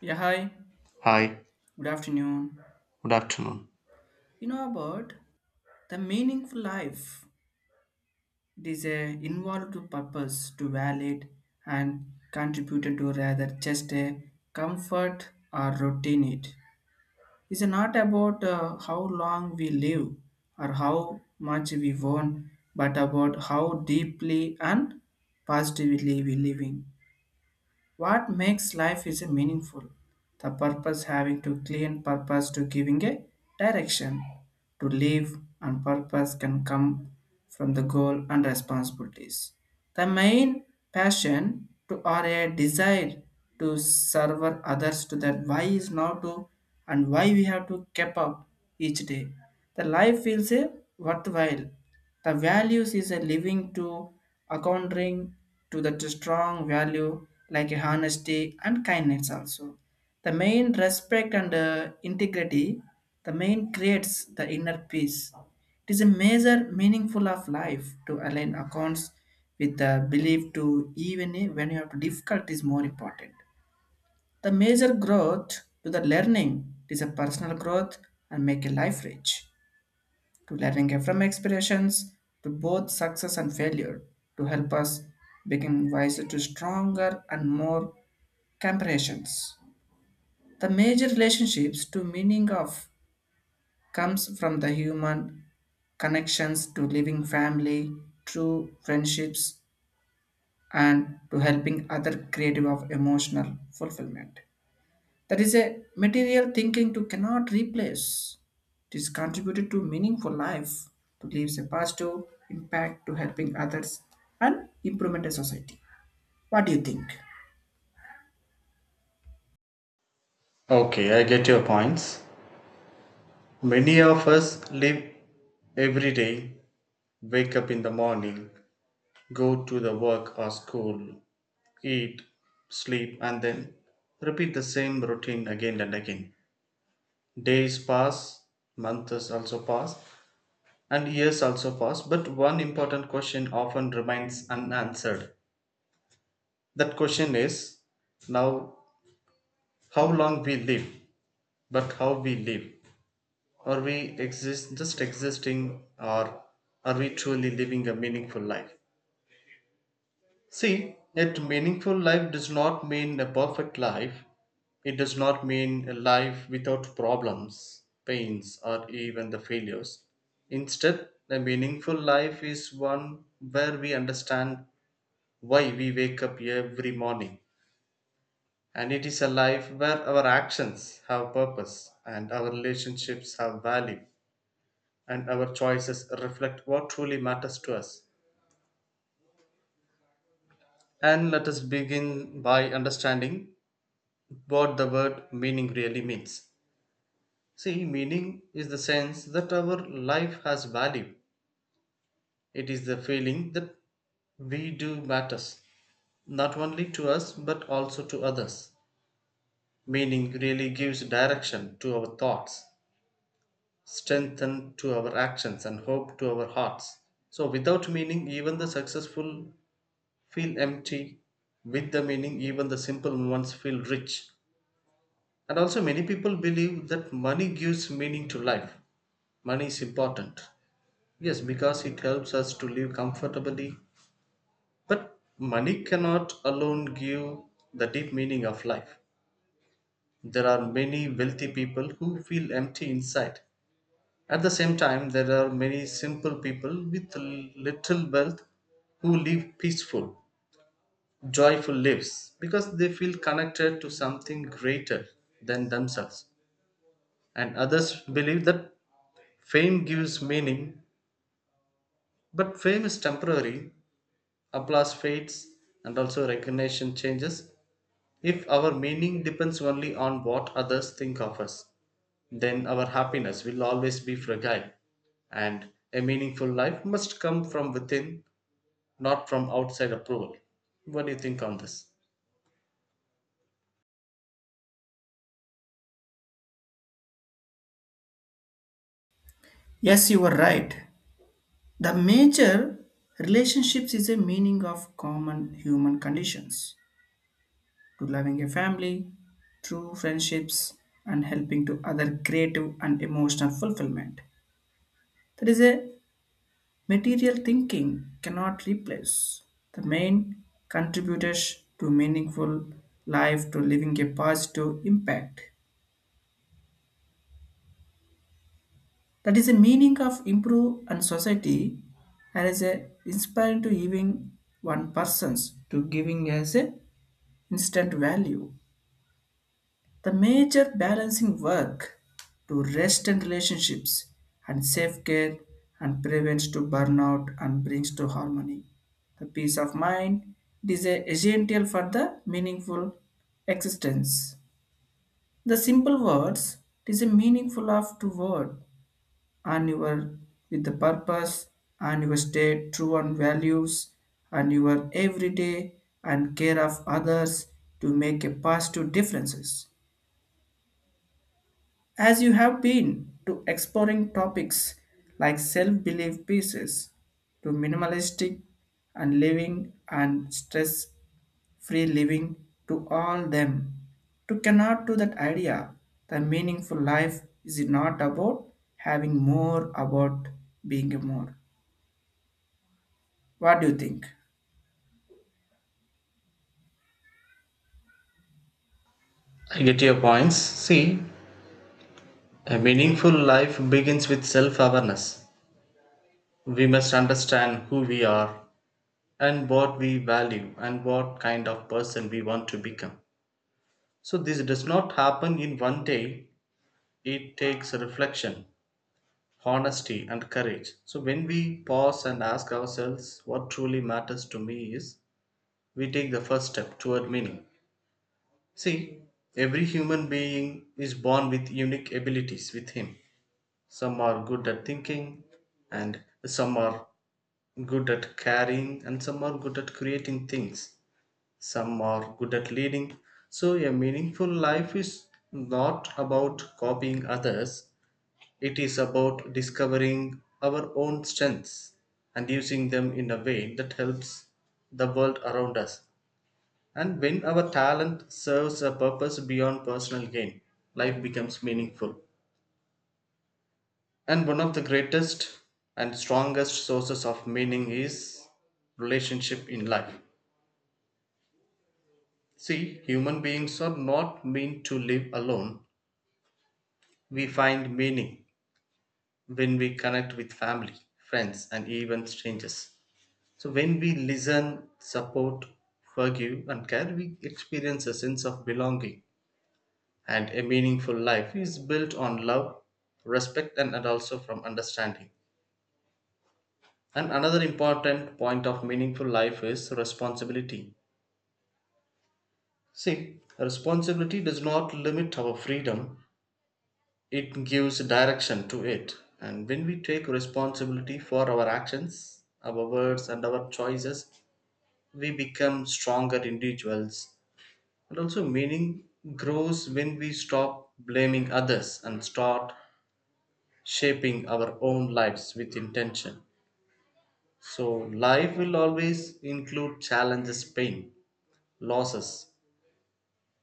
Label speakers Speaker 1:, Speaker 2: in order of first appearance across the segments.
Speaker 1: Yeah, hi.
Speaker 2: Hi,
Speaker 1: Good afternoon.
Speaker 2: good afternoon.
Speaker 1: You know about the meaningful life. It is a involved purpose to valid and contributed to rather just a comfort or routine. It is not about how long we live or how much we want, but about how deeply and positively we living. What makes life is a meaningful? The purpose having to clean purpose to giving a direction to live and purpose can come from the goal and responsibilities. The main passion to or a desire to serve others to that why is now to and why we have to keep up each day. The life feels a worthwhile. The values is a living to accounting to the strong value like honesty and kindness also. The main respect and integrity, the main creates the inner peace. It is a major meaningful of life to align accounts with the belief to even when you have difficult is more important. The major growth to the learning is a personal growth and make a life rich to learning from expirations to both success and failure to help us become wiser to stronger and more comparisons. The major relationships to meaning of comes from the human connections to living family, true friendships, and to helping other creative of emotional fulfillment. That is a material thinking to cannot replace. It is contributed to meaningful life, to leaves a positive impact to helping others and improvement a society. What do you think?
Speaker 2: Okay, I get your points. Many of us live every day, wake up in the morning, go to the work or school, eat, sleep, and then repeat the same routine again and again. Days pass, months also pass, and years also pass, but one important question often remains unanswered. That question is now how long we live, but how we live. Are we exist just existing or are we truly living a meaningful life? See, yet meaningful life does not mean a perfect life. It does not mean a life without problems, pains, or even the failures. Instead, a meaningful life is one where we understand why we wake up every morning. And it is a life where our actions have purpose and our relationships have value and our choices reflect what truly matters to us. And let us begin by understanding what the word meaning really means. See, meaning is the sense that our life has value, it is the feeling that we do matters, not only to us but also to others. Meaning really gives direction to our thoughts, strength to our actions, and hope to our hearts. So, without meaning, even the successful feel empty with the meaning even the simple ones feel rich, and also many people believe that money gives meaning to life. Money is important, yes, because it helps us to live comfortably, but money cannot alone give the deep meaning of life. There are many wealthy people who feel empty inside. At the same time, there are many simple people with little wealth who live peaceful, joyful lives because they feel connected to something greater than themselves. And others believe that fame gives meaning, but fame is temporary, applause fades, and also recognition changes. If our meaning depends only on what others think of us, then our happiness will always be fragile. And a meaningful life must come from within, not from outside approval. What do you think on this?
Speaker 1: Yes, you are right. The major relationships is a meaning of common human conditions. To loving a family, true friendships, and helping to other creative and emotional fulfillment. That is a material thinking cannot replace the main contributors to meaningful life to living a positive impact. That is the meaning of improve and society and is a inspiring to even one persons to giving as a instant value. The major balancing work to rest and relationships and self-care and prevents to burnout and brings to harmony. The peace of mind it is a essential for the meaningful existence. The simple words it is a meaningful of to word and your with the purpose and your state true and values and your everyday and care of others to make a positive differences. As you have been to exploring topics like self belief pieces to minimalistic and living and stress free living to all them to cannot do that idea. The meaningful life is not about having more about being more. What do you think?
Speaker 2: I get your points. See, a meaningful life begins with self awareness. We must understand who we are and what we value and what kind of person we want to become. So, this does not happen in one day, it takes reflection, honesty, and courage. So, when we pause and ask ourselves what truly matters to me is, we take the first step toward meaning. See, every human being is born with unique abilities with him. Some are good at thinking, and some are good at caring, and some are good at creating things, some are good at leading. So, a meaningful life is not about copying others, it is about discovering our own strengths and using them in a way that helps the world around us. And when our talent serves a purpose beyond personal gain, life becomes meaningful. And one of the greatest and strongest sources of meaning is relationship in life. See, human beings are not meant to live alone. We find meaning when we connect with family, friends, and even strangers. So, when we listen, support, forgive, and care, we experience a sense of belonging. And a meaningful life is built on love, respect, and also from understanding. And another important point of meaningful life is responsibility. See, responsibility does not limit our freedom, it gives direction to it. And when we take responsibility for our actions, our words, and our choices, we become stronger individuals. And also, meaning grows when we stop blaming others and start shaping our own lives with intention. So, life will always include challenges, pain, losses,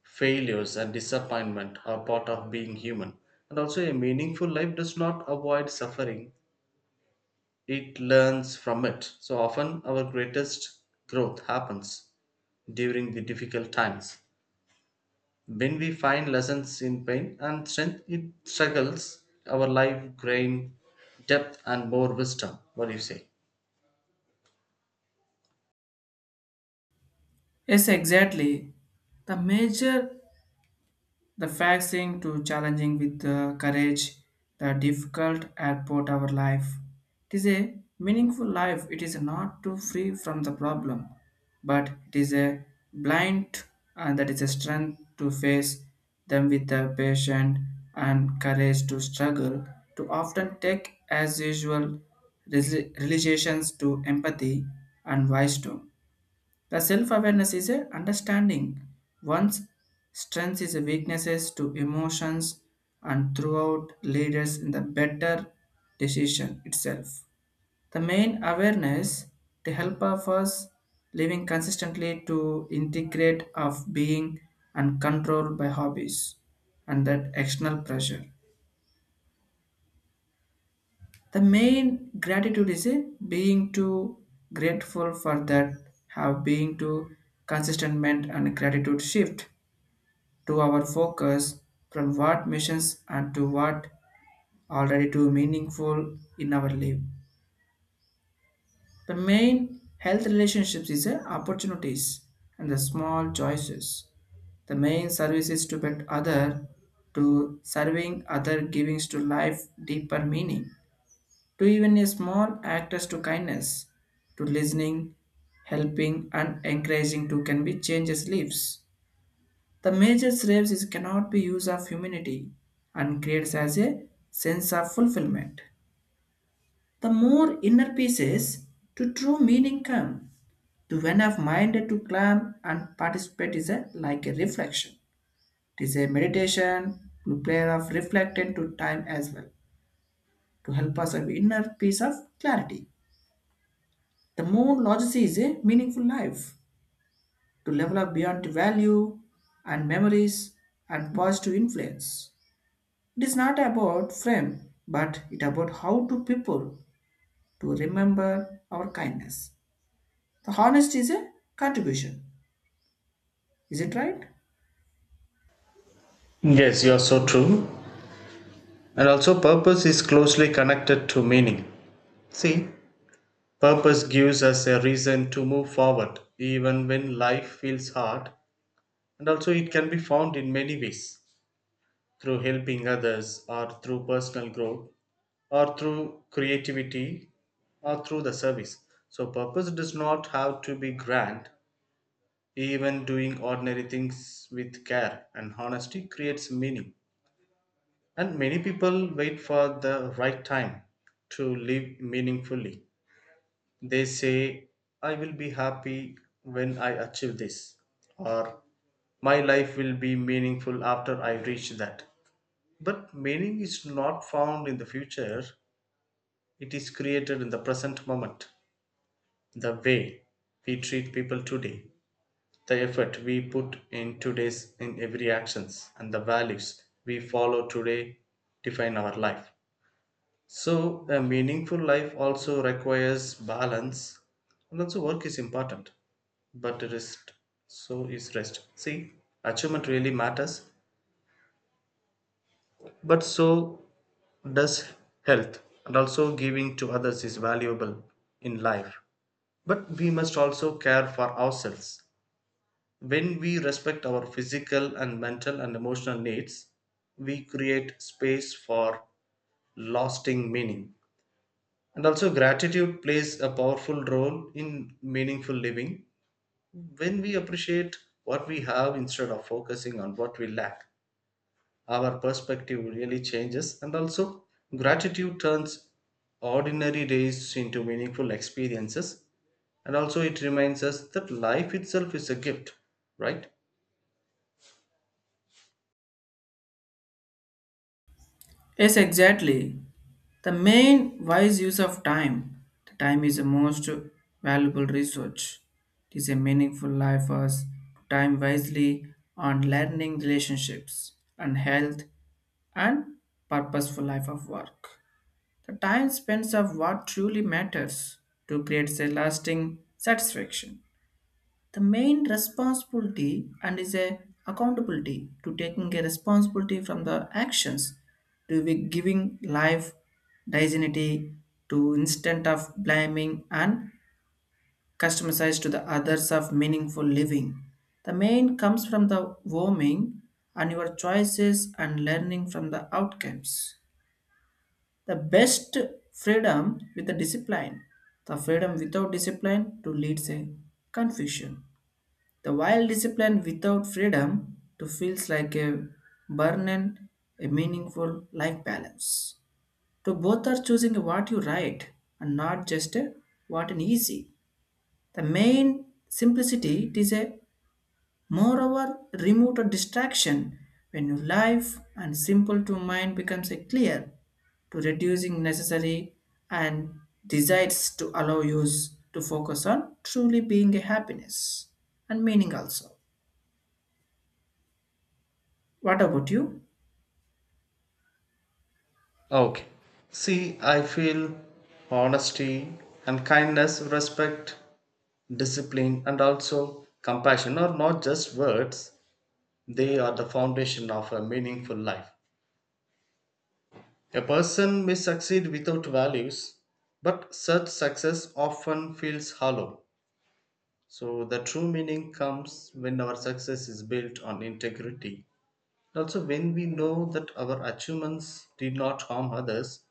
Speaker 2: failures, and disappointment are part of being human. And also, a meaningful life does not avoid suffering, it learns from it. So often our greatest growth happens during the difficult times. When we find lessons in pain and strength, it struggles our life gain depth and more wisdom. What do you say?
Speaker 1: Yes, exactly. The major, the facts to challenging with the courage, the difficult airport our life. It is a meaningful life. It is not too free from the problem, but it is a blind and that is a strength to face them with the patient and courage to struggle to often take as usual realizations to empathy and wisdom. The self awareness is a understanding one's strengths is a weaknesses to emotions and throughout leaders in the better decision itself. The main awareness to help of us living consistently to integrate of being and control by hobbies and that external pressure. The main gratitude is a being to grateful for that have being to consistent and gratitude shift to our focus from what missions and to what already too meaningful in our life. The main health relationships is the opportunities and the small choices. The main service is to build other, to serving other givings to life deeper meaning, to even a small actors to kindness, to listening, helping and encouraging to can be changes lives. The major slaves is cannot be use of humanity and creates as a sense of fulfillment. The more inner pieces to true meaning come, to when of mind to climb and participate is a like a reflection. It is a meditation to play of reflecting to time as well to help us have inner peace of clarity. The more logicity is a meaningful life to level up beyond value and memories and positive influence. It is not about frame, but it about how to people to remember our kindness. The honesty is a contribution. Is it right?
Speaker 2: Yes, you are so true. And also, purpose is closely connected to meaning. See, purpose gives us a reason to move forward even when life feels hard, and also it can be found in many ways, through helping others or through personal growth or through creativity or through the service. So, purpose does not have to be grand. Even doing ordinary things with care and honesty creates meaning. And many people wait for the right time to live meaningfully. They say, I will be happy when I achieve this, or my life will be meaningful after I reach that. But meaning is not found in the future, it is created in the present moment. The way we treat people today, the effort we put in today's in every actions, and the values we follow today define our life. So a meaningful life also requires balance, and also work is important. But rest so is rest. See, achievement really matters, but so does health, and also giving to others is valuable in life, but we must also care for ourselves. When we respect our physical and mental and emotional needs, we create space for lasting meaning. And also, gratitude plays a powerful role in meaningful living. When we appreciate what we have instead of focusing on what we lack, our perspective really changes, and also gratitude turns ordinary days into meaningful experiences. And also, it reminds us that life itself is a gift, right?
Speaker 1: Yes, exactly. The main wise use of time. The time is the most valuable resource. It is a meaningful life for us to time wisely on learning relationships and health and purposeful life of work. The time spent of what truly matters to create a lasting satisfaction. The main responsibility and is a accountability to taking a responsibility from the actions to be giving life dignity to instead of blaming and customized to the others of meaningful living. The main comes from the warming and your choices and learning from the outcomes. The best freedom with the discipline. The freedom without discipline to leads a confusion. The wild discipline without freedom to feels like a burden, a meaningful life balance. To both are choosing what you write and not just a what an easy. The main simplicity it is a moreover, remove the distraction when your life and simple to mind becomes a clear to reducing necessary and desires to allow you to focus on truly being a happiness and meaning also. What about you?
Speaker 2: Okay. See, I feel honesty and kindness, respect, discipline, and also compassion are not just words, they are the foundation of a meaningful life. A person may succeed without values, but such success often feels hollow. So, the true meaning comes when our success is built on integrity. Also, when we know that our achievements did not harm others,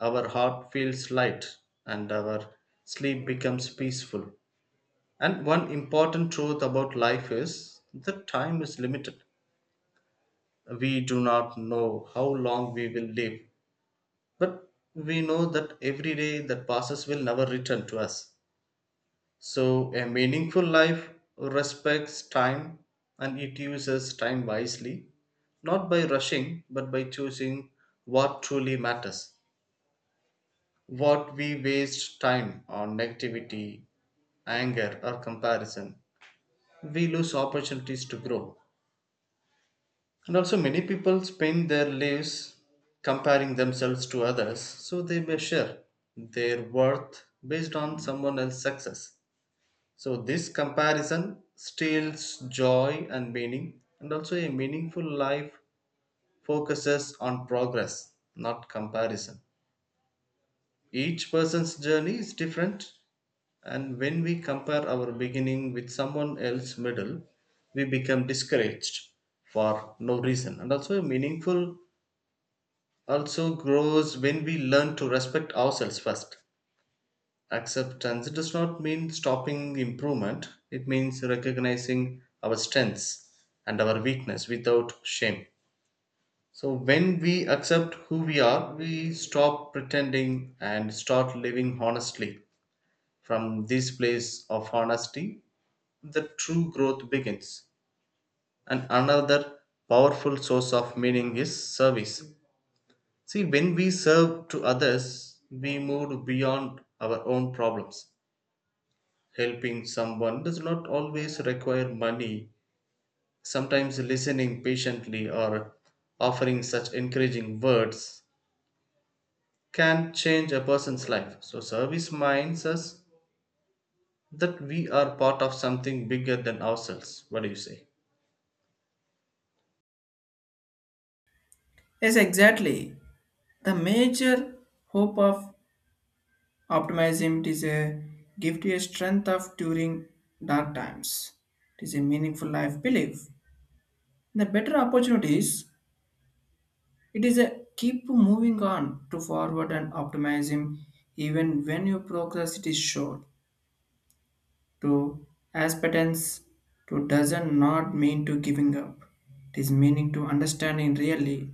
Speaker 2: our heart feels light and our sleep becomes peaceful. And one important truth about life is that time is limited. We do not know how long we will live, but we know that every day that passes will never return to us. So, a meaningful life respects time and it uses time wisely, not by rushing, but by choosing what truly matters. What we waste time on negativity, anger, or comparison, we lose opportunities to grow. And also, many people spend their lives comparing themselves to others, so they measure their worth based on someone else's success. So, this comparison steals joy and meaning, and also, a meaningful life focuses on progress, not comparison. Each person's journey is different, and when we compare our beginning with someone else's middle, we become discouraged for no reason. And also, a meaningful also grows when we learn to respect ourselves first. Acceptance does not mean stopping improvement, it means recognizing our strengths and our weakness without shame. So, when we accept who we are, we stop pretending and start living honestly. From this place of honesty, the true growth begins. And another powerful source of meaning is service. See, when we serve to others, we move beyond our own problems. Helping someone does not always require money. Sometimes listening patiently or offering such encouraging words can change a person's life. So, service minds us that we are part of something bigger than ourselves. What do you say?
Speaker 1: Yes, exactly. The major hope of optimism is a give to a strength of during dark times. It is a meaningful life belief. The better opportunities, it is a keep moving on to forward and optimism even when your progress it is short. To aspirants to doesn't not mean to giving up. It is meaning to understanding really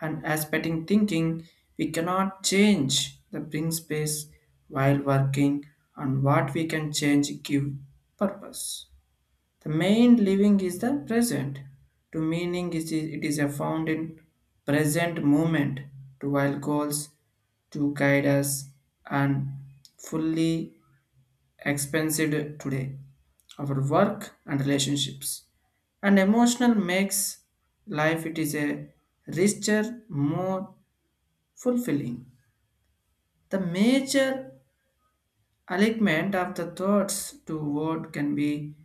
Speaker 1: and aspecting thinking we cannot change the bring space while working on what we can change give purpose. The main living is the present. To meaning is it is a found in present moment to while goals to guide us and fully expensed today. Our work and relationships and emotional makes life it is a richer, more fulfilling. The major alignment of the thoughts to what can be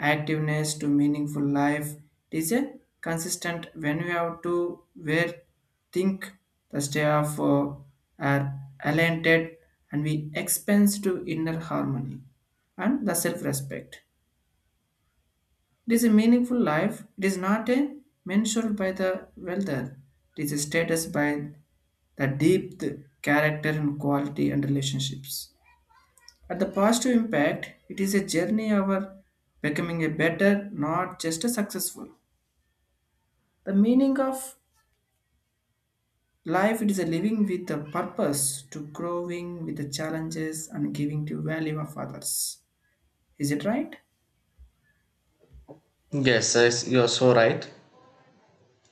Speaker 1: activeness to meaningful life. It is a consistent when we have to where think the stay of are aligned and we expense to inner harmony and the self-respect. It is a meaningful life. It is not a mentioned by the wealther. It is a status by the deep character and quality and relationships. At the positive impact, it is a journey of becoming a better, not just a successful. The meaning of life it is a living with a purpose to growing with the challenges and giving to value of others. Is it right?
Speaker 2: Yes, yes, you're so right.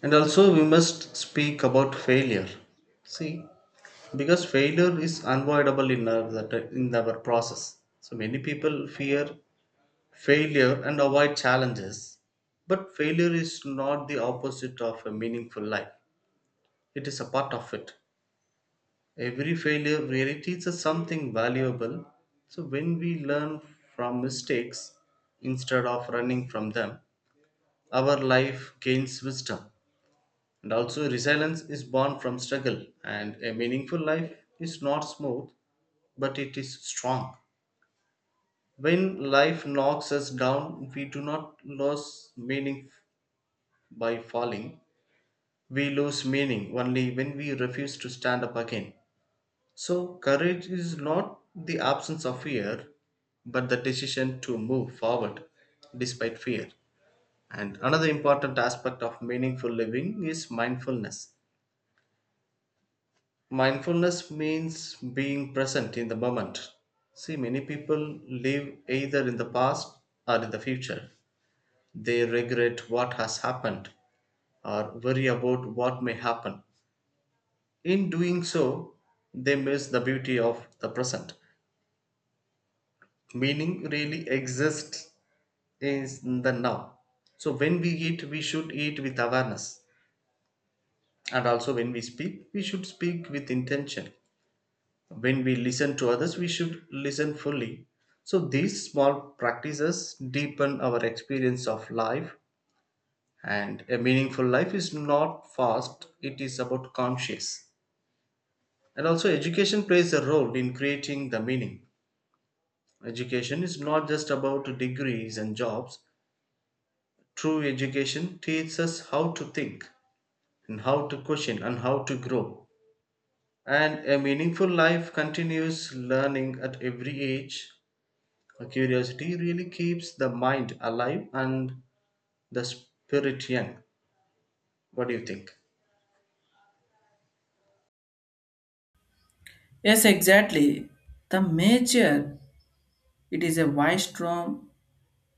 Speaker 2: And also, we must speak about failure. See, because failure is unavoidable in in our process. So many people fear failure and avoid challenges, but failure is not the opposite of a meaningful life, it is a part of it. Every failure really teaches something valuable. So when we learn from mistakes instead of running from them, our life gains wisdom, and also resilience is born from struggle, and a meaningful life is not smooth, but it is strong. When life knocks us down, we do not lose meaning by falling. We lose meaning only when we refuse to stand up again. So, courage is not the absence of fear, but the decision to move forward despite fear. And another important aspect of meaningful living is mindfulness. Mindfulness means being present in the moment. See, many people live either in the past or in the future. They regret what has happened or worry about what may happen. In doing so, they miss the beauty of the present. Meaning really exists in the now. So when we eat, we should eat with awareness. And also when we speak, we should speak with intention. When we listen to others, we should listen fully. So these small practices deepen our experience of life, and a meaningful life is not fast, it is about conscious. And also education plays a role in creating the meaning. Education is not just about degrees and jobs. True education teaches us how to think and how to question and how to grow, and a meaningful life continues learning at every age. A curiosity really keeps the mind alive and the spirit young. What do you think?
Speaker 1: Yes, exactly. The major it is a wise wisdom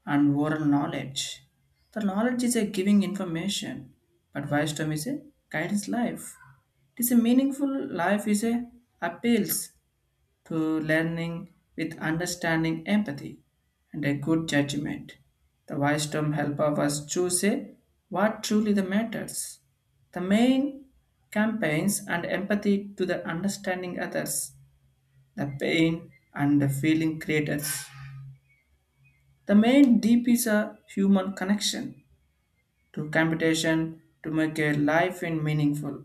Speaker 1: and oral knowledge. The knowledge is a giving information, but wisdom is a guidance life. It is a meaningful life is a appeals to learning with understanding empathy and a good judgment. The wisdom help of us choose a, what truly the matters. The main campaigns and empathy to the understanding others, the pain and the feeling creators. The main deep is a human connection to computation to make a life in meaningful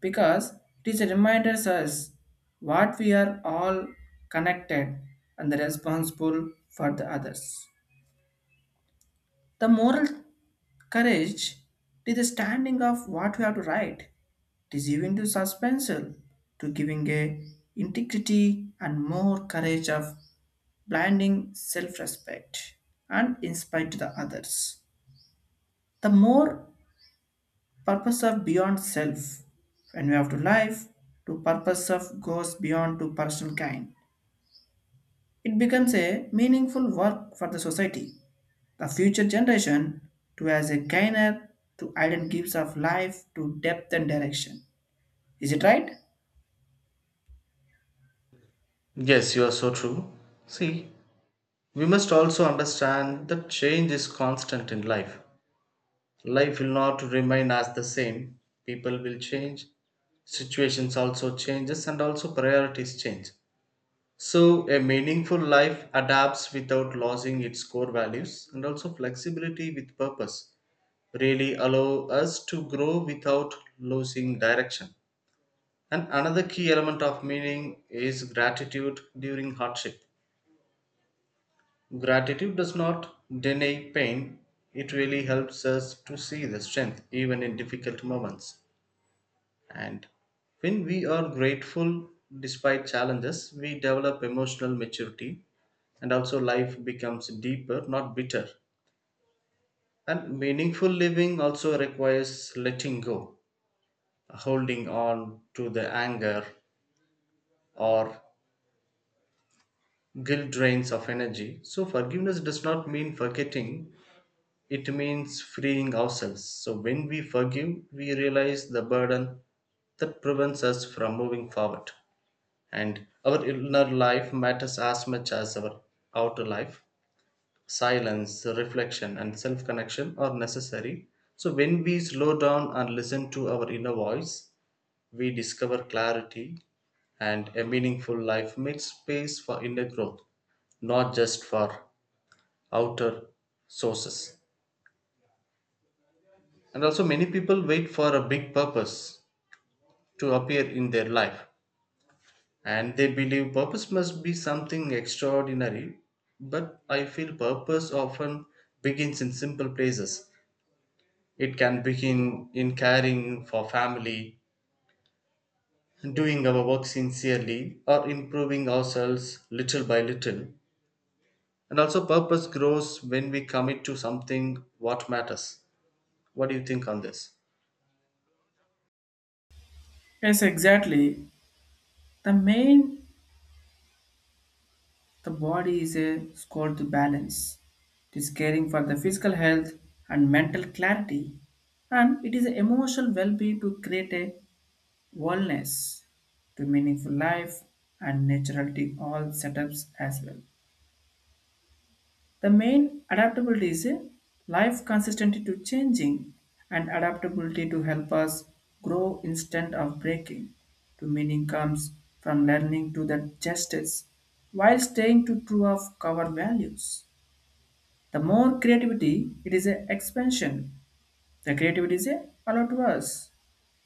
Speaker 1: because it is a reminder us what we are all connected and responsible for the others. The moral courage to the standing of what we have to write. It is even to suspenseful to giving a integrity and more courage of blinding self-respect and inspire to the others. The more purpose of beyond self when we have to life, to purpose of goes beyond to personal kind. It becomes a meaningful work for the society, the future generation, to as a gainer to iron gives of life to depth and direction. Is it right?
Speaker 2: Yes, you are so true. See, we must also understand that change is constant in life. Life will not remain as the same. People will change, situations also changes, and also priorities change. So a meaningful life adapts without losing its core values, and also flexibility with purpose really allow us to grow without losing direction. And another key element of meaning is gratitude during hardship. Gratitude does not deny pain, it really helps us to see the strength even in difficult moments. And when we are grateful despite challenges, we develop emotional maturity, and also life becomes deeper, not bitter. And meaningful living also requires letting go, holding on to the anger or guilt drains of energy. So, forgiveness does not mean forgetting, it means freeing ourselves. So when we forgive, we realize the burden that prevents us from moving forward. And our inner life matters as much as our outer life. Silence, reflection, and self connection are necessary. So when we slow down and listen to our inner voice, we discover clarity, and a meaningful life makes space for inner growth, not just for outer sources. And also, many people wait for a big purpose to appear in their life, and they believe purpose must be something extraordinary. But I feel purpose often begins in simple places. It can begin in caring for family, doing our work sincerely, or improving ourselves little by little. And also, purpose grows when we commit to something what matters. What do you think on this?
Speaker 1: Yes, exactly. The main the body is a score to balance. It is caring for the physical health and mental clarity, and it is emotional well-being to create a wellness to meaningful life and naturality all setups as well. The main adaptability is a life consistency to changing and adaptability to help us grow instead of breaking. To meaning comes from learning to the justice while staying to true of our values. The more creativity, it is a expansion. The creativity is a allowed to us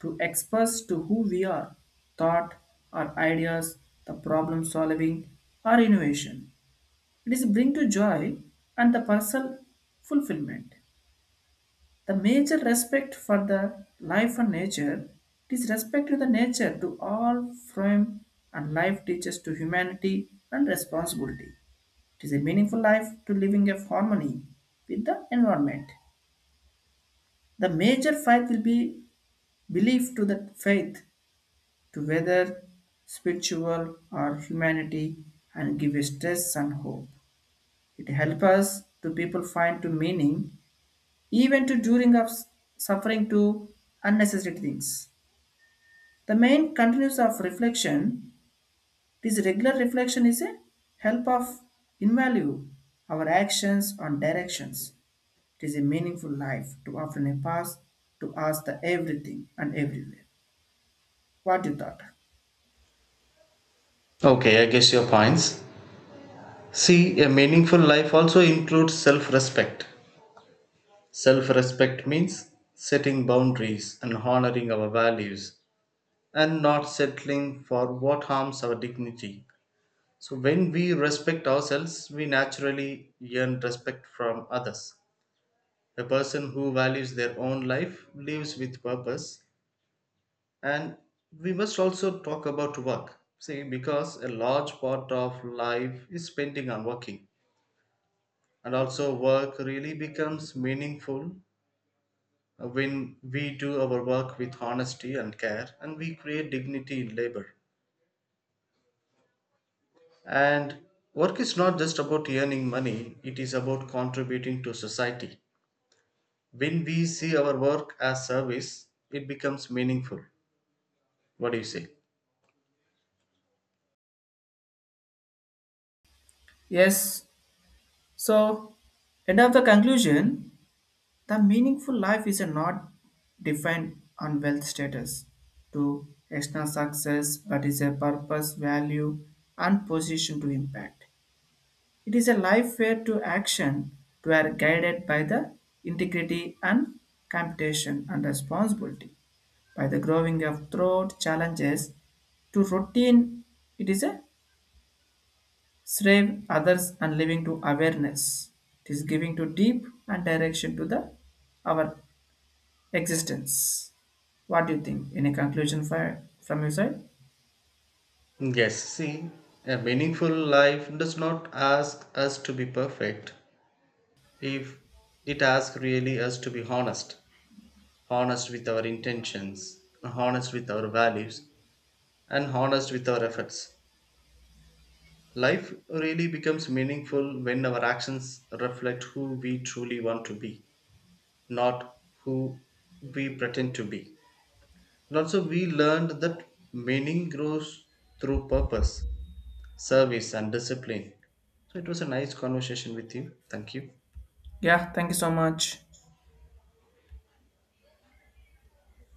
Speaker 1: to express to who we are, thought or ideas, the problem solving or innovation. It is bring to joy and the personal fulfillment. The major respect for the life and nature, it is respect to the nature to all from and life teaches to humanity and responsibility. It is a meaningful life to living of harmony with the environment. The major faith will be belief to the faith to whether spiritual or humanity and give a stress and hope. It helps us to people find to meaning even to during of suffering to unnecessary things. The main continues of reflection. This regular reflection is a help of invalue our actions on directions. It is a meaningful life to often a pass to ask the everything and everywhere. What you thought?
Speaker 2: Okay, I guess your points. See, a meaningful life also includes self respect. Self respect means setting boundaries and honoring our values and not settling for what harms our dignity. So, when we respect ourselves, we naturally earn respect from others. A person who values their own life lives with purpose. And we must also talk about work. See, because a large part of life is spending on working, and also work really becomes meaningful when we do our work with honesty and care, and we create dignity in labor. And work is not just about earning money, it is about contributing to society. When we see our work as service, it becomes meaningful. What do you say?
Speaker 1: Yes. So end of the conclusion. The meaningful life is not defined on wealth status to external success, but is a purpose, value, and position to impact. It is a life where to action to are guided by the integrity and computation and responsibility. By the growing of throat challenges to routine, it is a serve others and living to awareness. It is giving to deep and direction to the our existence. What do you think? Any conclusion for, from your side?
Speaker 2: Yes, see, a meaningful life does not ask us to be perfect, if it asks really us to be honest, honest with our intentions, honest with our values, and honest with our efforts. Life really becomes meaningful when our actions reflect who we truly want to be, not who we pretend to be. And also, we learned that meaning grows through purpose, service, and discipline. So, it was a nice conversation with you. Thank you.
Speaker 1: Yeah, thank you so much.